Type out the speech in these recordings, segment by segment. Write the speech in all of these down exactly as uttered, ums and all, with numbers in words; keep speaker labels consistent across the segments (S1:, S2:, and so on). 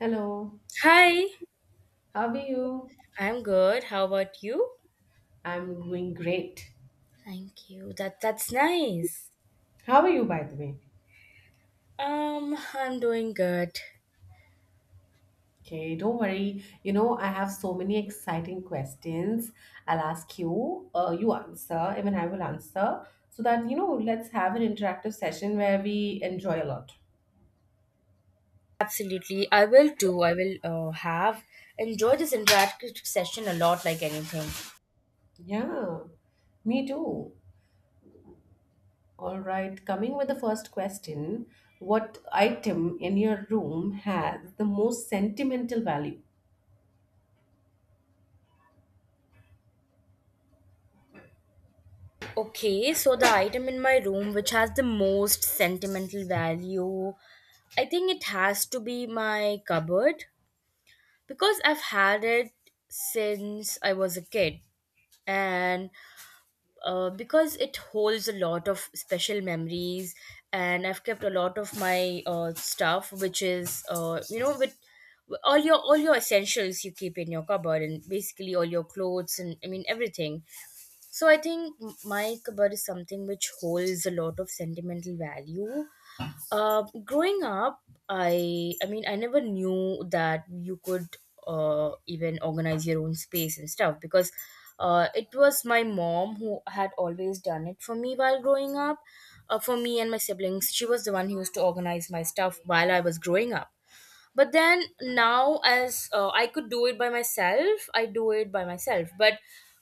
S1: Hello,
S2: Hi,
S1: how are you?
S2: I'm good. How about you?
S1: I'm doing great.
S2: Thank you. That that's nice.
S1: How are you, by the way?
S2: Um, I'm doing good.
S1: Okay, don't worry. You know, I have so many exciting questions. I'll ask you, uh, you answer, even I will answer, so that, you know, let's have an interactive session where we enjoy a lot.
S2: Absolutely. I will too. I will uh, have enjoyed this interactive session a lot like anything.
S1: Yeah, me too. All right, coming with the first question, what item in your room has the most sentimental value?
S2: Okay, so the item in my room which has the most sentimental value, I think it has to be my cupboard because I've had it since I was a kid and uh, because it holds a lot of special memories, and I've kept a lot of my uh, stuff which is uh, you know with all your all your essentials you keep in your cupboard, and basically all your clothes, and I mean everything. So I think m- my cupboard is something which holds a lot of sentimental value. Uh, growing up, I I mean I never knew that you could uh, even organize your own space and stuff, because uh, it was my mom who had always done it for me while growing up. Uh, for me and my siblings, she was the one who used to organize my stuff while I was growing up. But then now as uh, I could do it by myself, I do it by myself. But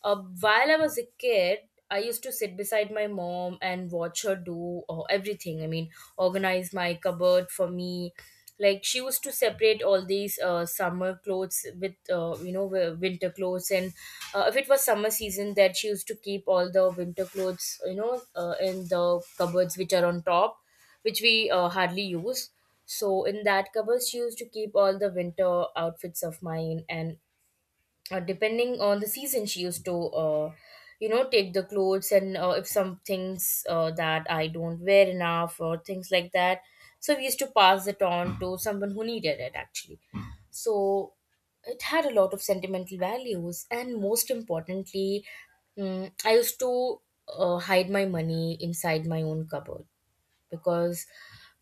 S2: uh, while I was a kid, I used to sit beside my mom and watch her do uh, everything, I mean organize my cupboard for me. Like, she used to separate all these uh, summer clothes with uh, you know wi- winter clothes. And uh, if it was summer season, that she used to keep all the winter clothes, you know, uh, in the cupboards which are on top, which we uh, hardly use. So in that cupboard, she used to keep all the winter outfits of mine. And uh, depending on the season, she used to, uh, you know, take the clothes. And uh, if some things uh, that I don't wear enough or things like that, so we used to pass it on to someone who needed it actually. So it had a lot of sentimental values. And most importantly, mm, I used to uh, hide my money inside my own cupboard, because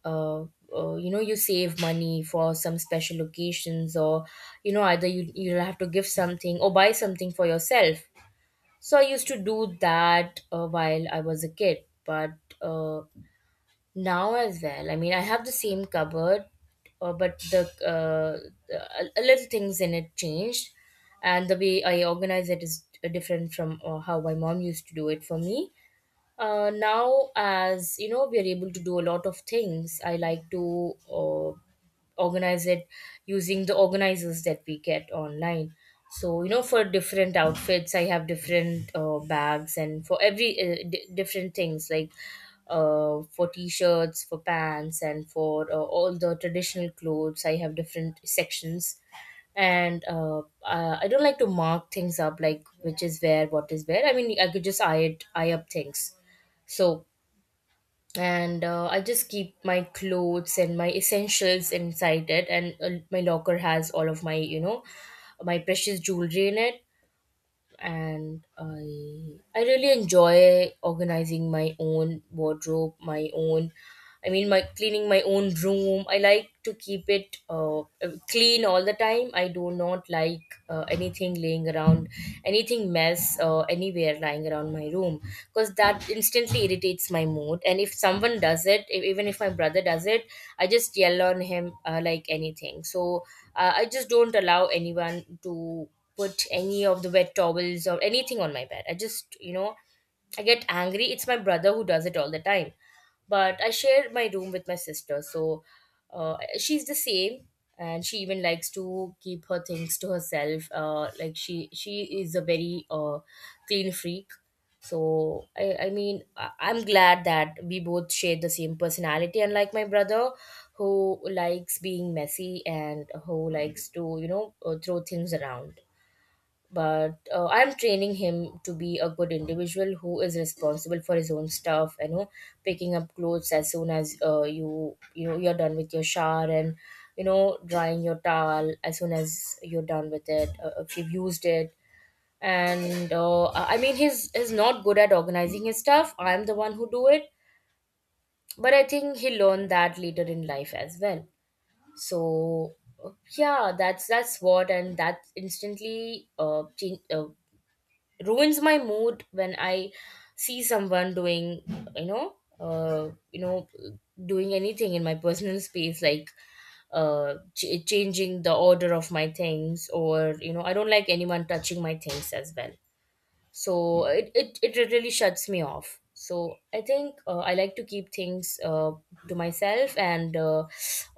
S2: uh, uh, you know, you save money for some special occasions, or you know, either you you'll have to give something or buy something for yourself. So I used to do that uh, while I was a kid. But uh, now as well, I mean I have the same cupboard. Uh, but the uh, the- a, a little things in it changed, and the way I organize it is different from uh, how my mom used to do it for me. Uh, now as you know, we are able to do a lot of things. I like to uh, organize it using the organizers that we get online. So you know, for different outfits I have different uh, bags, and for every uh, d- different things, like uh, for t-shirts, for pants, and for uh, all the traditional clothes, I have different sections. And uh, uh, I don't like to mark things up, like which is where, what is where. I mean I could just eye it eye up things. So, and uh, I just keep my clothes and my essentials inside it. And uh, my locker has all of my, you know, my precious jewelry in it. And I I really enjoy organizing my own wardrobe, my own, I mean my cleaning my own room. I like to keep it uh, clean all the time. I do not like uh, anything laying around, anything mess uh, anywhere lying around my room, because that instantly irritates my mood. And if someone does it, e- even if my brother does it, I just yell on him uh, like anything. So uh, I just don't allow anyone to put any of the wet towels or anything on my bed. I just, you know, I get angry. It's my brother who does it all the time. But I share my room with my sister. So uh, she's the same. And she even likes to keep her things to herself. Uh, like she, she is a very uh, clean freak. So I, I mean, I- I'm glad that we both share the same personality. Unlike my brother, who likes being messy and who likes to, you know, uh, throw things around. But uh, I'm training him to be a good individual who is responsible for his own stuff, you know, picking up clothes as soon as uh, you you know, you're done with your shower, and you know, drying your towel as soon as you're done with it, uh, if you've used it. And uh, I mean he's is not good at organizing his stuff, I'm the one who do it. But I think he learned that later in life as well. So uh, yeah, that's that's what. And that instantly uh, change, uh ruins my mood when I see someone doing, you know, uh, you know, doing anything in my personal space, like uh, ch- changing the order of my things, or you know, I don't like anyone touching my things as well. So it, it, it really shuts me off. So I think uh, I like to keep things uh, to myself, and uh,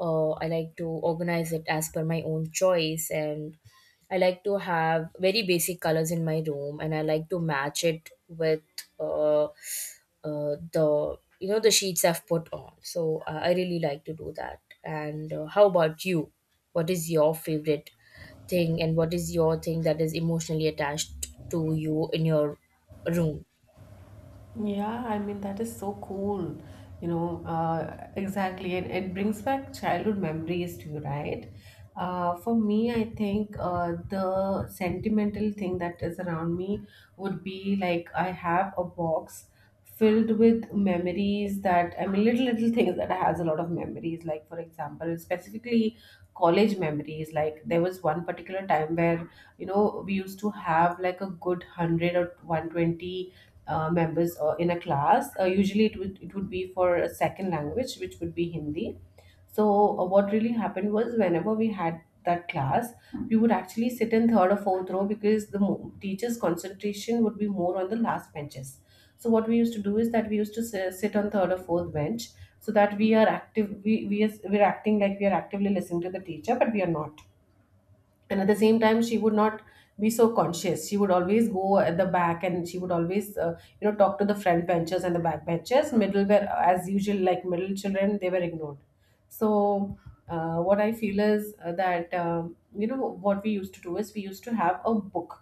S2: uh, I like to organize it as per my own choice. And I like to have very basic colors in my room, and I like to match it with uh, uh, the, you know, the sheets I've put on. So I I really like to do that. And uh, how about you? What is your favorite thing, and what is your thing that is emotionally attached to you in your room?
S1: Yeah, I mean, that is so cool. You know, uh, exactly. And it brings back childhood memories to you, right? Uh, for me, I think uh, the sentimental thing that is around me would be like I have a box filled with memories that, I mean, little, little things that has a lot of memories. Like, for example, specifically college memories. Like, there was one particular time where, you know, we used to have like a good one hundred or one twenty uh, members uh, in a class. Uh, usually, it would it would be for a second language, which would be Hindi. So, uh, what really happened was whenever we had that class, we would actually sit in third or fourth row because the mo- teacher's concentration would be more on the last benches. So, what we used to do is that we used to si- sit on third or fourth bench so that we are active. We we are, we're acting like we are actively listening to the teacher, but we are not, and at the same time she would not be so conscious. She would always go at the back, and she would always uh, you know, talk to the front benches, and the back benches middle were, as usual, like middle children, they were ignored. So uh, what I feel is uh, that, um, you know, what we used to do is we used to have a book,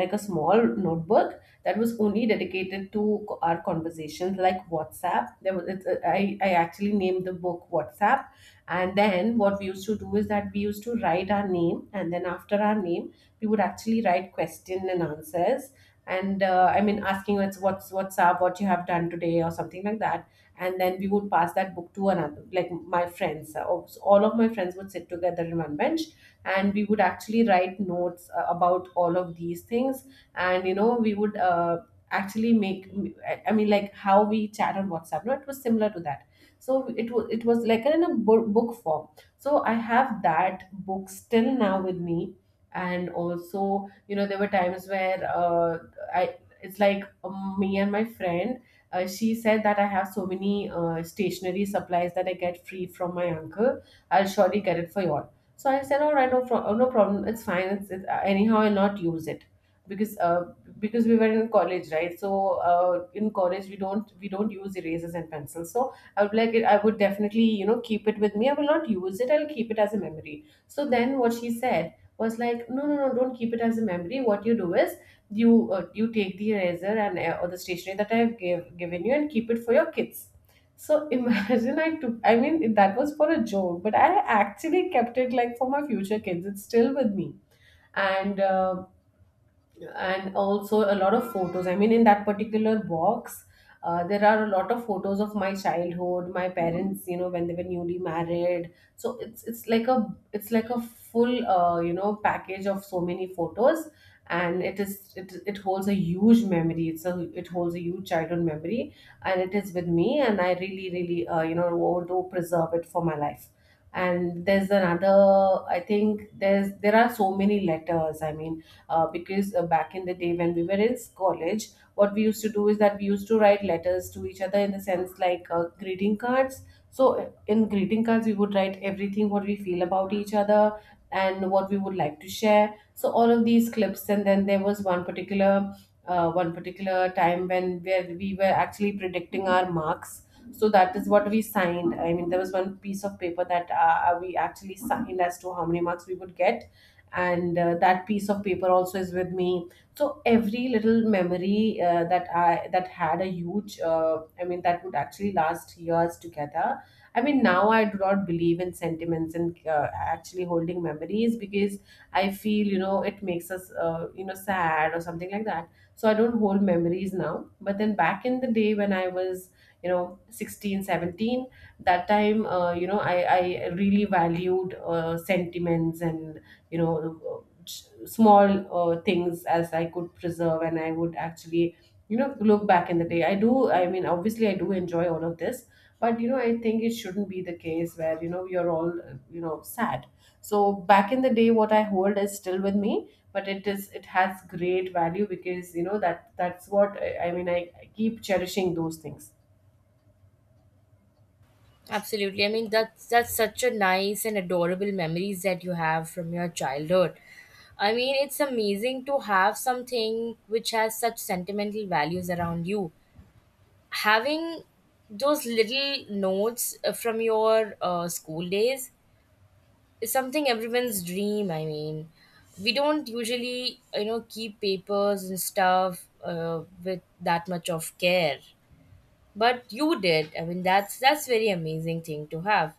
S1: like a small notebook that was only dedicated to co- our conversations, like WhatsApp. There was, it's, uh, I, I actually named the book WhatsApp. And then what we used to do is that we used to write our name, and then after our name, we would actually write question and answers. And uh, I mean, asking what's what's what's up, what you have done today, or something like that. And then we would pass that book to another, like my friends. Uh, All of my friends would sit together in one bench, and we would actually write notes uh, about all of these things. And you know, we would uh, actually make. I I mean, like how we chat on WhatsApp. No, it was similar to that. So it was it was like in a bo- book form. So I have that book still now with me. And also, you know, there were times where uh, I it's like, um, me and my friend, uh, she said that I have so many uh, stationery supplies that I get free from my uncle, I'll surely get it for you all. So I said, all right, no, pro- oh, no problem, it's fine. It's, it's uh, anyhow, I'll not use it, because uh, because we were in college, right? So uh, in college we don't we don't use erasers and pencils. So I would like it, I would definitely, you know, keep it with me. I will not use it. I'll keep it as a memory. So then what she said was like, no, no, no, don't keep it as a memory. What you do is you uh, you take the eraser, and uh, or the stationery that I've give, given you, and keep it for your kids. So imagine I took, I mean, that was for a joke, but I actually kept it like for my future kids. It's still with me. And uh, and also a lot of photos. I mean, in that particular box, uh, there are a lot of photos of my childhood, my parents, you know, when they were newly married. So it's it's like a it's like a full, uh, you know, package of so many photos. And it is it it holds a huge memory. It's a it holds a huge childhood memory, and it is with me, and I really really uh, you know, want to preserve it for my life. And there's another. I think there's there are so many letters. I mean, uh, because uh, back in the day when we were in college, what we used to do is that we used to write letters to each other, in the sense like uh, greeting cards. So uh, in greeting cards we would write everything what we feel about each other, and what we would like to share. So all of these clips, and then there was one particular uh, one particular time when where we were actually predicting our marks. So that is what we signed. I mean, there was one piece of paper that uh, we actually signed as to how many marks we would get. And uh, that piece of paper also is with me. So every little memory, uh, that i that had a huge, uh, I mean that would actually last years together. I mean, now I do not believe in sentiments, and uh, actually holding memories, because I feel, you know, it makes us, uh, you know, sad or something like that. So I don't hold memories now. But then back in the day when I was, you know, sixteen, seventeen, that time, uh, you know, i i really valued uh, sentiments, and, you know, small uh, things as I could preserve. And I would actually, you know, look back in the day. I do, I mean, obviously I do enjoy all of this. But you know, I think it shouldn't be the case where, you know, you're all, uh, you know, sad. So back in the day, what I hold is still with me, but it is, it has great value, because you know that that's what I, I mean, I, I keep cherishing those things.
S2: Absolutely. I mean that's that's such a nice and adorable memories that you have from your childhood. I mean, it's amazing to have something which has such sentimental values around you. Having those little notes uh, from your uh, school days is something everyone's dream. I mean, we don't usually, you know, keep papers and stuff uh, with that much of care. But you did. I mean that's that's very amazing thing to have.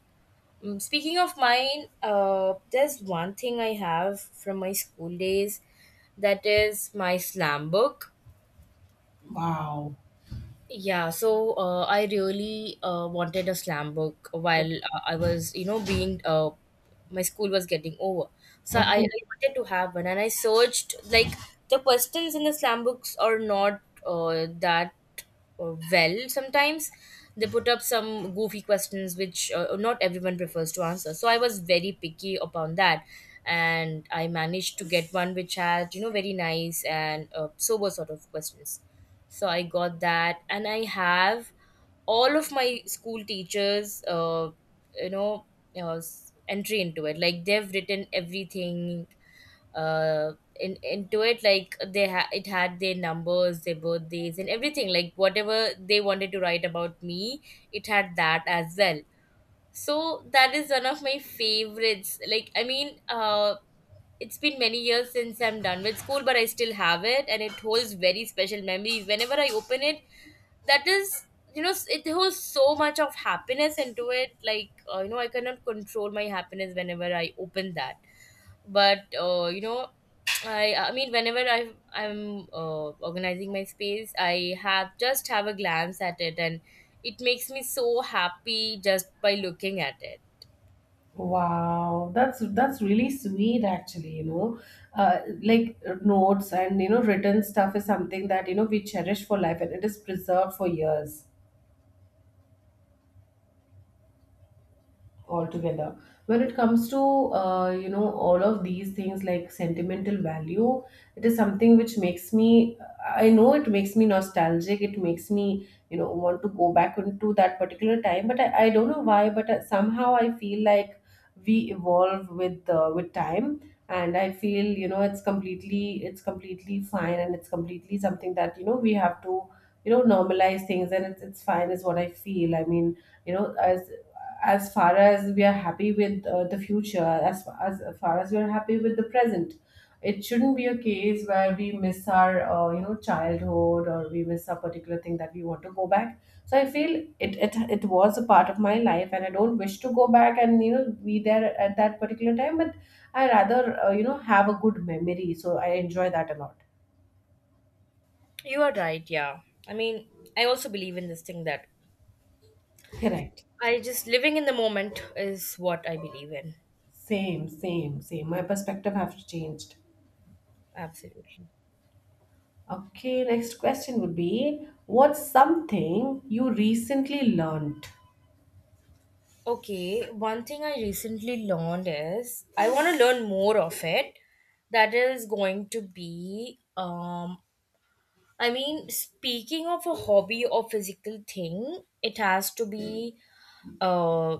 S2: Mm, speaking of mine, uh, there's one thing I have from my school days, that is my slam book.
S1: Wow.
S2: Yeah, so uh, I really uh, wanted a slam book
S1: O-
S2: while uh, I was, you know, being uh, my school was getting over. So I, I
S1: okay.
S2: wanted to have one, and I searched like the questions in the slam books are not uh, that uh, well. Sometimes they put up some goofy questions which uh, not everyone prefers to answer. So I was very picky upon that, and I managed to get one which had, you know, very nice and uh, sober sort of questions. So I got that, and I have all of my school teachers' uh, you know uh, s- entry into it, like they've written everything uh, in into it, like they ha- it had their numbers, their birthdays, and everything, like whatever they wanted to write about me, it had that as well. So that is one of my favorites. Like, I mean uh it's been many years since I'm done with school, but I still have it, and it holds very special memories. Whenever I open it, that is, you know, it holds so much of happiness into it. Like uh, you know, I cannot control my happiness whenever I open that. But uh, you know, I I mean whenever i i'm uh, organizing my space, I have just have a glance at it, and it makes me so happy just by looking at it.
S1: Wow, that's that's really sweet actually, you know. Uh, like, uh, notes and, you know, written stuff is something that, you know, we cherish for life, and it is preserved for years altogether. When it comes to, uh, you know, all of these things like sentimental value, it is something which makes me, I know it makes me nostalgic. It makes me, you know, want to go back into that particular time. But i, I don't know why, but uh, somehow I feel like we evolve with, uh, with time. And I feel, you know, it's completely it's completely fine, and it's completely something that, you know, we have to, you know, normalize things. And it's, it's fine is what I feel. I mean, you know, as as far as we are happy with uh, the future, as, as far as we are happy with the present, it shouldn't be a case where we miss our, uh, you know, childhood, or we miss a particular thing that we want to go back. So I feel it, it it was a part of my life, and I don't wish to go back and, you know, be there at that particular time. But I rather, uh, you know, have a good memory. So I enjoy that a lot.
S2: You are right, yeah. I mean, I also believe in this thing that
S1: Correct.
S2: I just living in the moment is what I believe in.
S1: Same, same, same. My perspective have changed.
S2: Absolutely.
S1: Okay, next question would be, what's something you recently learned?
S2: Okay, one thing I recently learned is I want to learn more of it. That is going to be, um, I mean, speaking of a hobby or physical thing, it has to be uh,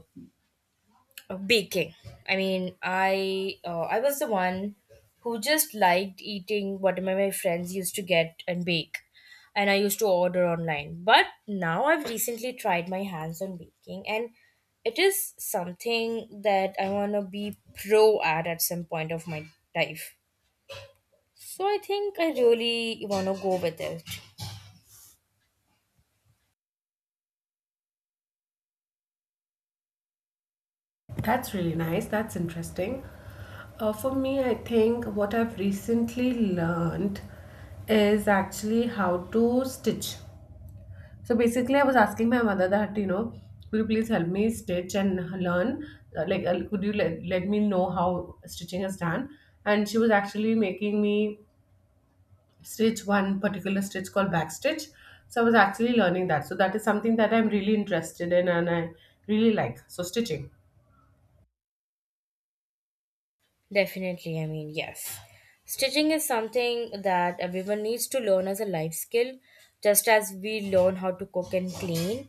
S2: baking. I mean, i uh, I was the one who just liked eating what my friends used to get and bake, and I used to order online. But now I've recently tried my hands on baking, and it is something that I want to be pro at at some point of my life. So I think I really want to go with it.
S1: That's really nice. That's interesting. Uh, for me, I think what I've recently learned is actually how to stitch. So basically, I was asking my mother that, you know, could you please help me stitch and learn? Uh, Like, uh, could you let, let me know how stitching is done? And she was actually making me stitch one particular stitch called backstitch. So I was actually learning that. So that is something that I'm really interested in, and I really like, so stitching.
S2: Definitely, I mean, yes. Stitching is something that everyone needs to learn as a life skill, just as we learn how to cook and clean.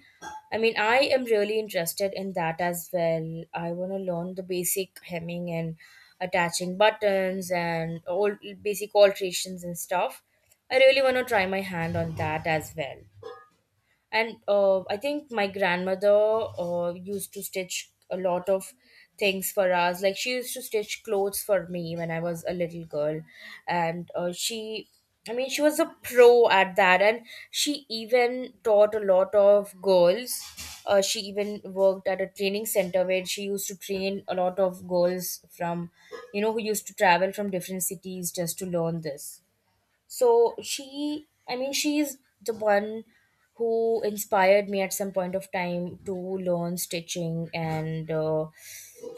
S2: I mean, I am really interested in that as well. I want to learn the basic hemming and attaching buttons and all basic alterations and stuff. I really want to try my hand on that as well, and uh, I think my grandmother uh, used to stitch a lot of things for us. Like she used to stitch clothes for me when I was a little girl, and uh, she I mean she was a pro at that, and she even taught a lot of girls. Uh, she even worked at a training center where she used to train a lot of girls from, you know, who used to travel from different cities just to learn this. So she i mean she's the one who inspired me at some point of time to learn stitching, and uh,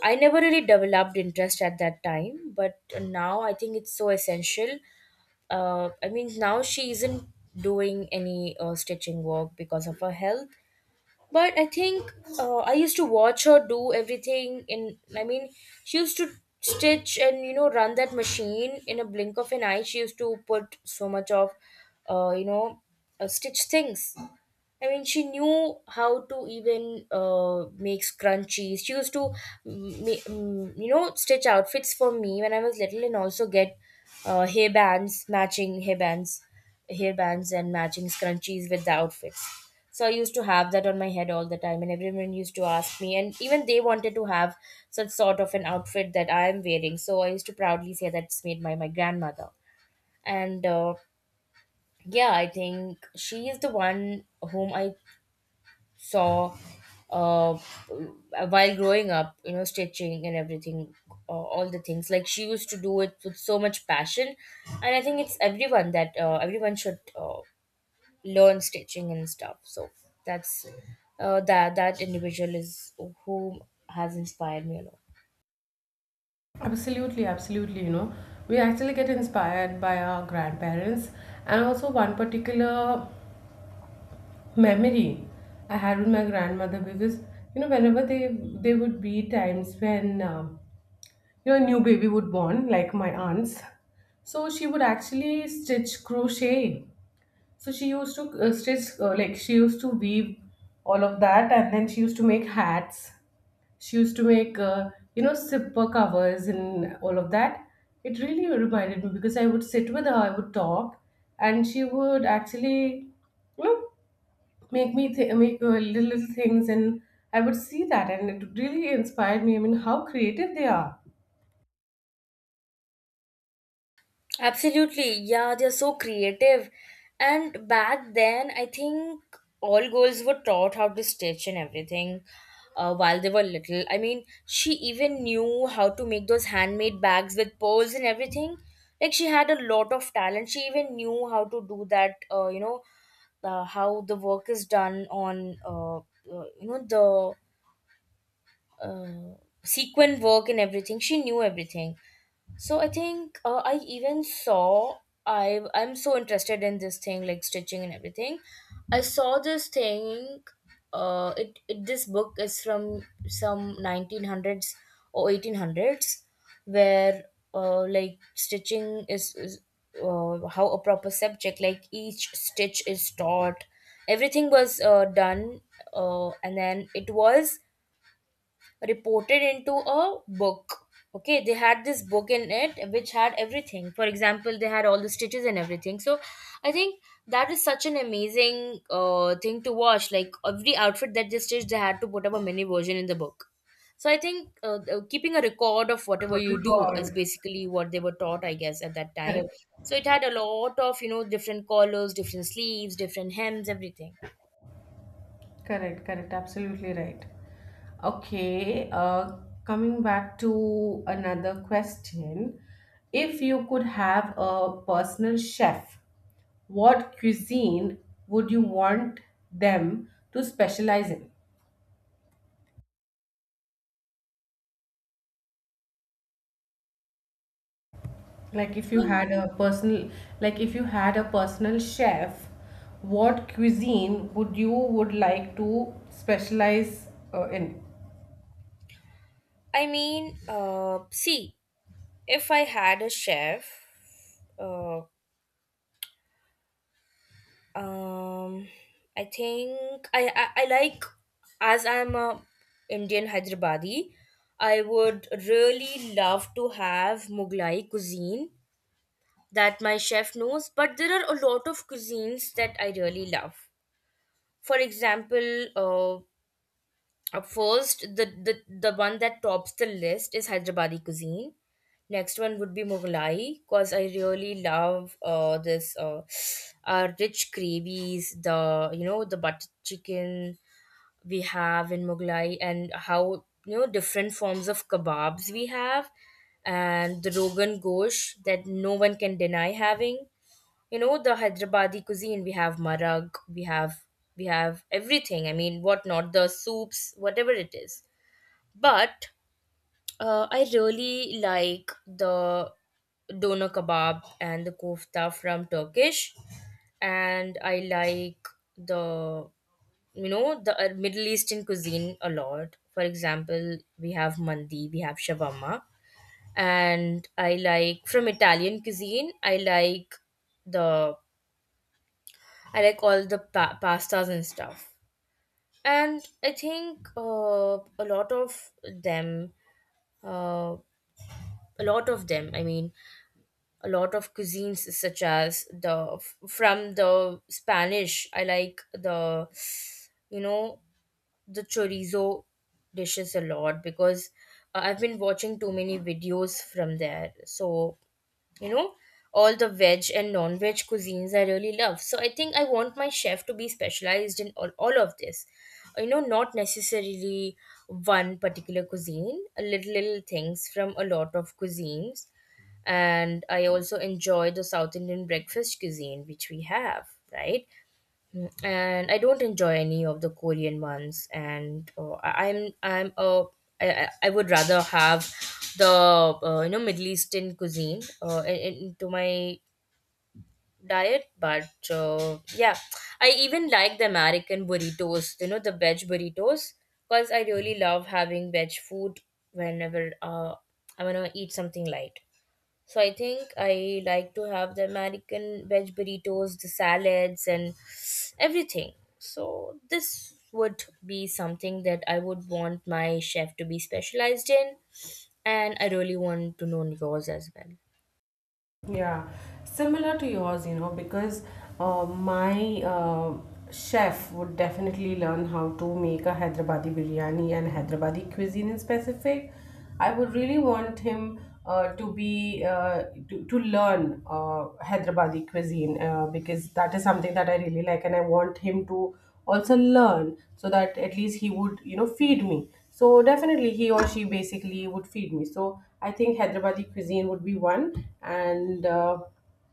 S2: I never really developed interest at that time, but now I think it's so essential. Uh, i mean now she isn't doing any uh, stitching work because of her health, but I think uh, I used to watch her do everything in I mean She used to stitch and, you know, run that machine in a blink of an eye. She used to put so much of uh, you know uh, stitch things. I mean, she knew how to even uh, make scrunchies. She used to, mm, ma- mm, you know, stitch outfits for me when I was little, and also get uh, hair bands, matching hair bands, hair bands and matching scrunchies with the outfits. So I used to have that on my head all the time, and everyone used to ask me, and even they wanted to have such sort of an outfit that I am wearing. So I used to proudly say that's made by my grandmother, and uh, yeah, I think she is the one whom I saw, uh, while growing up, you know, stitching and everything, uh, all the things. Like, she used to do it with so much passion, and I think it's everyone that uh, everyone should uh, learn stitching and stuff. So that's uh, that that individual is who has inspired me a lot.
S1: Absolutely, absolutely. You know, we actually get inspired by our grandparents. And also one particular memory I had with my grandmother, because you know, whenever they they would be times when, um, you know, a new baby would born, like my aunt's. So she would actually stitch crochet. So she used to uh, stitch, uh, like she used to weave all of that, and then she used to make hats. She used to make, uh, you know, zipper covers and all of that. It really reminded me, because I would sit with her, I would talk, and she would actually, you know, make me th- make uh, little, little things, and I would see that, and it really inspired me. I mean, how creative they are.
S2: Absolutely, yeah, they're so creative. And back then, I think all girls were taught how to stitch and everything uh, while they were little. I mean, she even knew how to make those handmade bags with pearls and everything. Like, she had a lot of talent. She even knew how to do that, uh, you know, uh, how the work is done on, uh, uh, you know, the uh, sequin work and everything. She knew everything. So I think uh, I even saw I I'm so interested in this thing like stitching and everything. I saw this thing. Uh, it, it This book is from some nineteen hundreds or eighteen hundreds, where uh, like stitching is, is uh, how a proper subject, like each stitch, is taught. Everything was uh, done, uh, and then it was reported into a book. Okay, they had this book in it which had everything. For example, they had all the stitches and everything. So I think that is such an amazing uh, thing to watch. Like, every outfit that they stitched, they had to put up a mini version in the book. So I think uh, uh, keeping a record of whatever
S1: What
S2: you
S1: you
S2: do is
S1: record,
S2: basically what they were taught, I guess, at that time.
S1: correct.
S2: So it had a lot of, you know, different collars, different sleeves, different hems, everything.
S1: Correct, correct, absolutely right. Okay, uh, coming back to another question. If you could have a personal chef, what cuisine would you want them to specialize in? Like if you
S2: um,
S1: had a personal, like if you had a personal chef, what cuisine would you would like to specialize uh, in?
S2: i mean uh, See, if I had a chef, uh, um, I think I, I I like, as I'm a Indian Hyderabadi, I would really love to have Mughlai cuisine that my chef knows. But there are a lot of cuisines that I really love. For example, uh, Uh, first, the, the the one that tops the list is Hyderabadi cuisine. Next one would be Mughlai, cause I really love uh this uh, uh rich gravies, the, you know, the butter chicken we have in Mughlai, and how, you know, different forms of kebabs we have, and the Rogan Gosh that no one can deny having. You know, the Hyderabadi cuisine, we have marag, we have we have everything. I mean, what not, the soups, whatever it is. But uh, I really like the doner kebab and the kofta from Turkish, and I like the, you know, the uh, Middle Eastern cuisine a lot. For example, we have mandi, we have shawarma, and I like from Italian cuisine. I like the I like all the pa- pastas and stuff. And I think uh, a lot of them, uh, a lot of them, I mean, a lot of cuisines such as the from the Spanish, I like the, you know, the chorizo dishes a lot because uh, I've been watching too many videos from there. So, you know, all the veg and non-veg cuisines I really love. So I think I want my chef to be specialized in all, all of this, you know, not necessarily one particular cuisine, a little little things from a lot of cuisines. And I also enjoy the South Indian breakfast cuisine which we have, right? And I don't enjoy any of the Korean ones. And uh, I- I'm I'm uh, I, I I would rather have the uh, you know, Middle Eastern cuisine uh, in- in- into my diet. But uh, yeah, I even like the American burritos. You know, the veg burritos, because I really love having veg food whenever uh, I want to eat something light. So I think I like to have the American veg burritos, the salads, and everything. So this would be something that I would want my chef to be specialized in, and I really want to know yours as well.
S1: Yeah, similar to yours, you know, because uh, my uh, chef would definitely learn how to make a Hyderabadi biryani and Hyderabadi cuisine in specific. I would really want him uh, to be uh, to, to learn uh, Hyderabadi cuisine uh, because that is something that I really like, and I want him to also learn so that at least he would, you know, feed me. So definitely he or she basically would feed me. So I think Hyderabadi cuisine would be one. And uh,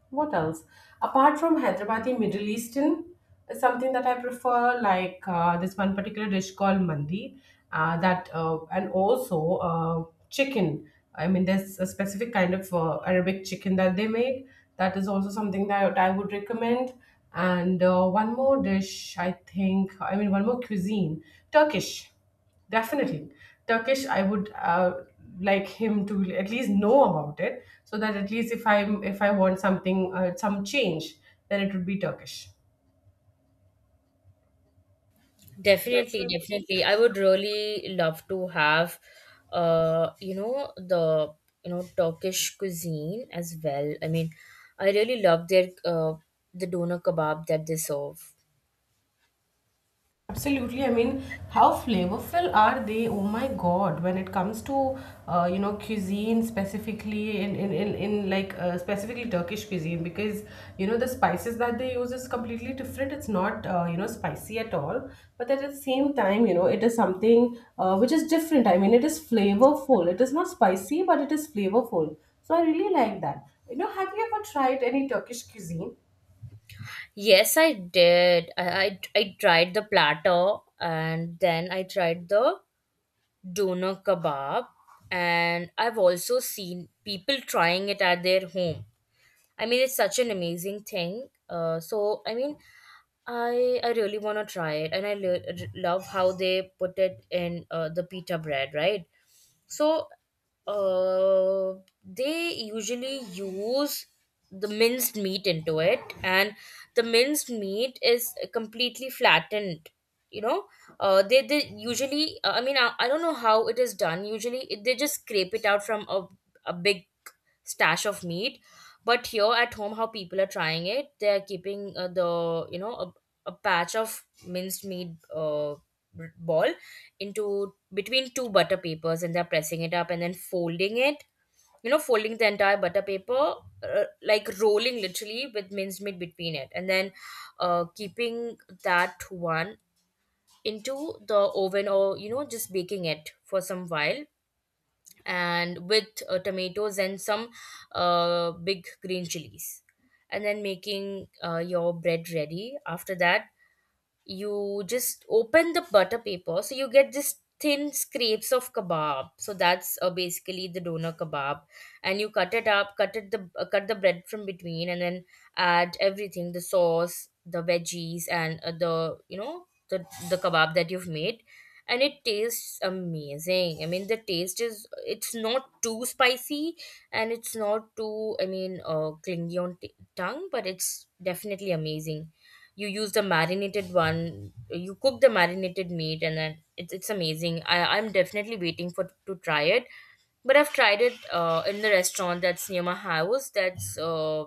S1: what else? Apart from Hyderabadi, Middle Eastern is something that I prefer, like uh, this one particular dish called mandi, uh, that uh, and also uh, chicken. I mean, there's a specific kind of uh, Arabic chicken that they make. That is also something that I would recommend. And uh, one more dish, I think. I mean, one more cuisine, Turkish. Definitely. Turkish, I would uh, like him to at least know about it so that at least if I'm if I want something uh, some change, then it would be Turkish.
S2: Definitely, definitely. I would really love to have, uh, you know, the you know Turkish cuisine as well. I mean, I really love their uh the doner kebab that they serve.
S1: Absolutely. I mean, how flavorful are they? Oh my God. When it comes to, uh, you know, cuisine specifically in, in, in, in like uh, specifically Turkish cuisine, because, you know, the spices that they use is completely different. It's not, uh, you know, spicy at all. But at the same time, you know, it is something uh, which is different. I mean, it is flavorful. It is not spicy, but it is flavorful. So I really like that. You know, have you ever tried any Turkish cuisine?
S2: Yes, I did. I, I I tried the platter and then I tried the doner kebab, and I've also seen people trying it at their home. I mean, it's such an amazing thing. Uh, so I mean, I I really want to try it, and I lo- love how they put it in uh, the pita bread, right? So uh, they usually use the minced meat into it, and the minced meat is completely flattened. You know, uh, they they usually. uh, I mean, I, I don't know how it is done. Usually, it, they just scrape it out from a a big stash of meat. But here at home, how people are trying it, they're keeping uh, the you know a, a patch of minced meat, uh, b- ball, into between two butter papers, and they're pressing it up and then folding it. You know, folding the entire butter paper, uh, like rolling literally with minced meat between it, and then uh, keeping that one into the oven, or, you know, just baking it for some while, and with uh, tomatoes and some uh, big green chilies, and then making uh, your bread ready. After that, you just open the butter paper, so you get this thin scrapes of kebab. So that's uh, basically the doner kebab, and you cut it up, cut it the uh, cut the bread from between, and then add everything, the sauce, the veggies, and uh, the, you know, the the kebab that you've made, and it tastes amazing. I mean, the taste is, it's not too spicy, and it's not too, I mean, uh, clingy on t- tongue, but it's definitely amazing. You use the marinated one, you cook the marinated meat, and then it's, it's amazing. I, I'm definitely waiting for to try it. But I've tried it uh, in the restaurant that's near my house. That's uh,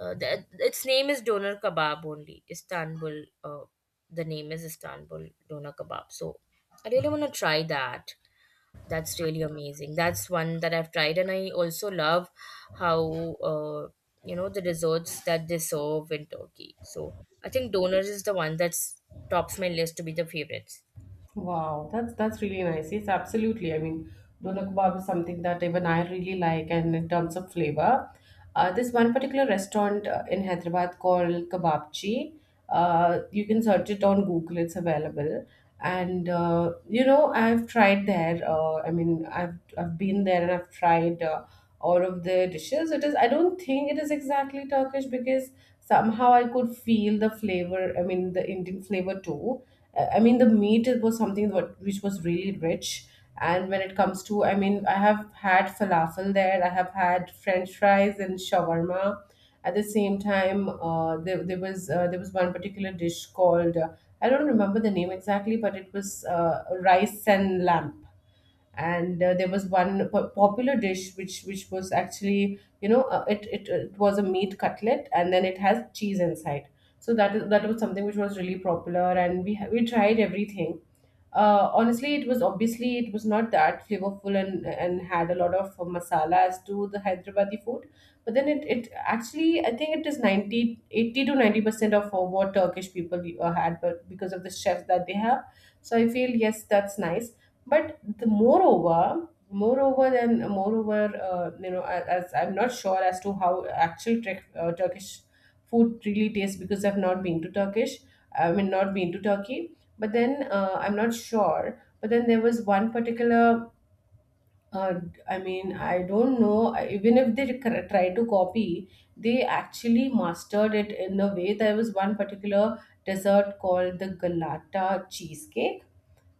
S2: uh, that, its name is doner kebab only Istanbul. Uh, the name is Istanbul Doner Kebab. So I really want to try that. That's really amazing. That's one that I've tried, and I also love how uh, you know, the desserts that they serve in Turkey. So I think donors is the one that's tops my list to be the favorites.
S1: Wow, that's that's really nice. Yes, absolutely. I mean, doner kebab is something that even I really like, and in terms of flavor, uh, this one particular restaurant uh, in Hyderabad called Kebabchi. Uh, you can search it on Google; it's available. And uh, you know, I've tried there. Uh, I mean, I've I've been there and I've tried uh, all of the dishes. It is. I don't think it is exactly Turkish because somehow I could feel the flavor. I mean, the Indian flavor too. Uh, I mean, the meat it was something what which was really rich. And when it comes to, I mean, I have had falafel there. I have had French fries and shawarma. At the same time, uh, there, there was uh, there was one particular dish called uh, I don't remember the name exactly, but it was uh, rice and lamb, and uh, there was one po- popular dish which which was actually you know uh, it, it it was a meat cutlet and then it has cheese inside. So that is that was something which was really popular, and we ha- we tried everything. Uh, honestly, it was obviously, it was not that flavorful, and and had a lot of masala as to the Hyderabadi food. But then it, it actually, I think it is ninety eighty to ninety percent of uh, what Turkish people uh, had, but because of the chefs that they have, so I feel, yes, that's nice. But the moreover, moreover than moreover, uh, you know, a- as I'm not sure as to how actual Turk uh, Turkish food really tastes, because I've not been to Turkish. I mean, not been to Turkey. But then uh, I'm not sure. But then there was one particular. Uh, I mean, I don't know. I- Even if they cr- try to copy, they actually mastered it in a way. There was one particular dessert called the Galata cheesecake.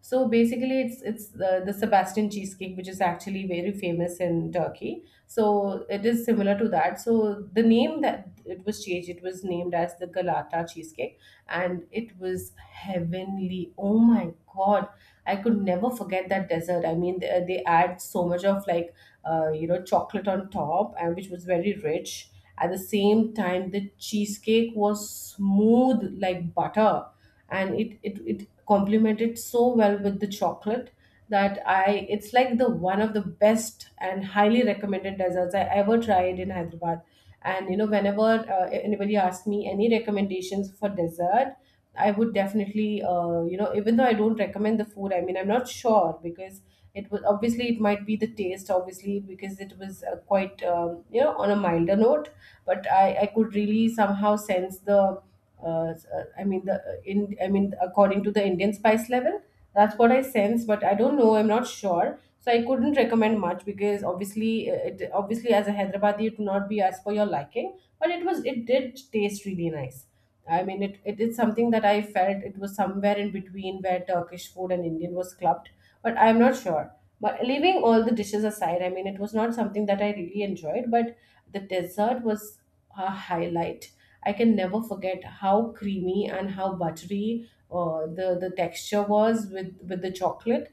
S1: So basically, it's it's the, the Sebastian cheesecake, which is actually very famous in Turkey. So it is similar to that. So the name that it was changed, it was named as the Galata cheesecake, and it was heavenly. Oh my God, I could never forget that dessert. I mean, they, they add so much of like uh, you know chocolate on top, and which was very rich. At the same time, the cheesecake was smooth like butter, and it, it it complemented so well with the chocolate that I it's like the one of the best and highly recommended desserts I ever tried in Hyderabad. And you know, whenever uh, anybody asks me any recommendations for dessert, I would definitely, uh, you know, even though I don't recommend the food, I mean, I'm not sure because it was obviously, it might be the taste, obviously because it was uh, quite, um, you know, on a milder note. But I, I could really somehow sense the, uh, s- uh, I mean the uh, in, I mean, according to the Indian spice level, that's what I sense. But I don't know, I'm not sure. So I couldn't recommend much because obviously, uh, it obviously, as a Hyderabadi, it would not be as per your liking. But it was, it did taste really nice. I mean, it, it is something that I felt it was somewhere in between where Turkish food and Indian was clubbed, but I'm not sure. But leaving all the dishes aside, I mean, it was not something that I really enjoyed, but the dessert was a highlight. I can never forget how creamy and how buttery uh, the the texture was with with the chocolate.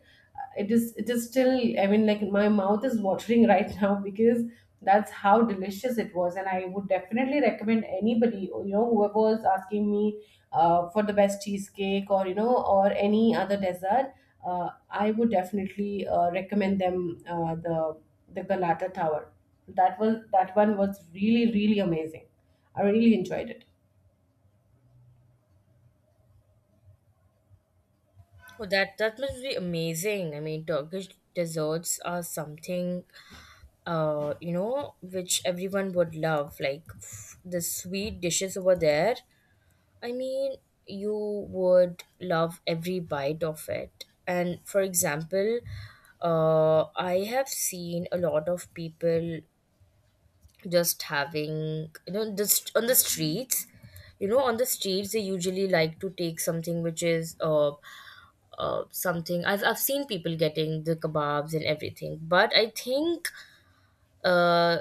S1: It is it is still, I mean, like my mouth is watering right now because that's how delicious it was, and I would definitely recommend anybody, you know whoever was asking me uh, for the best cheesecake, or you know or any other dessert. uh, I would definitely uh, recommend them uh, the the Galata tower. That was that one was really, really amazing. I really enjoyed it.
S2: Oh, that that must be amazing. I mean, Turkish desserts are something, uh, you know, which everyone would love. Like f- the sweet dishes over there, I mean, you would love every bite of it. And for example, uh, I have seen a lot of people just having, you know, just on the streets. You know, on the streets, they usually like to take something which is uh, uh, something. I've, I've seen people getting the kebabs and everything. But I think uh,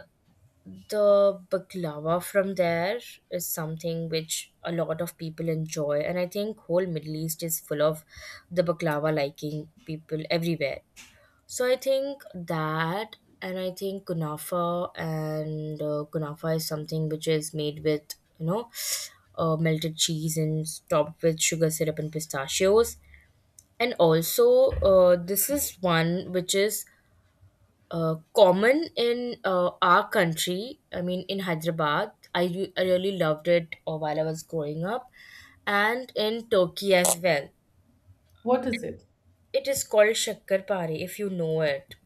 S2: the baklava from there is something which a lot of people enjoy, and I think whole Middle East is full of the baklava liking people everywhere. So I think that, and I think kunafa, and uh, kunafa is something which is made with, you know, uh, melted cheese and topped with sugar syrup and pistachios. And also, uh, this is one which is uh, common in uh, our country. I mean, in Hyderabad, I, re- I really loved it uh, while I was growing up, and in Turkey as well.
S1: What is it?
S2: It is called shakarpari, if you know it.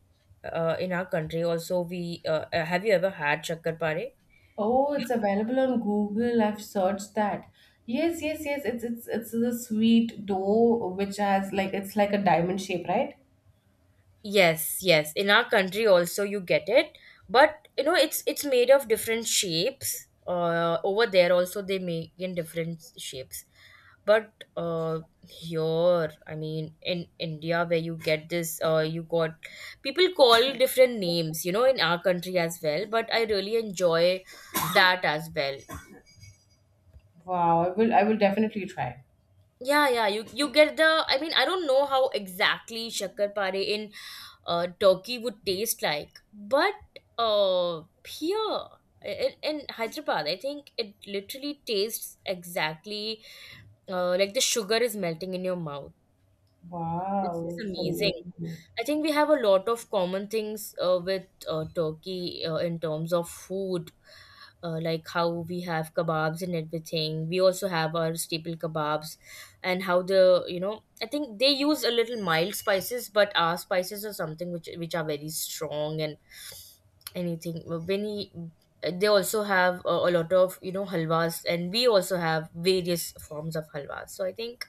S2: Uh, in our country, also, we uh, uh, have, you ever had shakarpari?
S1: Oh, it's available on Google. I've searched that. Yes, yes, yes. It's it's it's the sweet dough which has like it's like a diamond shape, right?
S2: Yes, yes. In our country also you get it, but you know it's it's made of different shapes. Uh, over there also they make in different shapes, but uh, here, I mean in India, where you get this, uh, you got people call different names. You know, in our country as well, but I really enjoy that as well.
S1: Wow, I will I will definitely try.
S2: Yeah, yeah. You you get the. I mean, I don't know how exactly shakarpare in uh, Turkey would taste like, but uh, here in, in Hyderabad, I think it literally tastes exactly uh, like the sugar is melting in your mouth. It's
S1: Wow,
S2: just
S1: it's
S2: amazing.
S1: amazing.
S2: I think we have a lot of common things uh, with uh, Turkey uh, in terms of food, uh, like how we have kebabs and everything. We also have our staple kebabs, and how the, you know, I think they use a little mild spices, but our spices are something which which are very strong and anything. When you, they also have a, a lot of, you know, halwas, and we also have various forms of halwas. So I think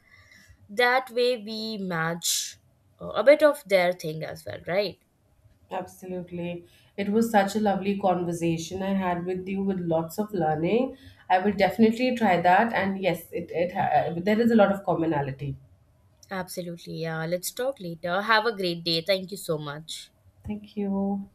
S2: that way we match uh, a bit of their thing as well, right?
S1: Absolutely. It was such a lovely conversation I had with you with lots of learning. I will definitely try that, and yes, it it ha- there is a lot of commonality.
S2: Absolutely, yeah. Let's talk later. Have a great day. Thank you so much.
S1: Thank you.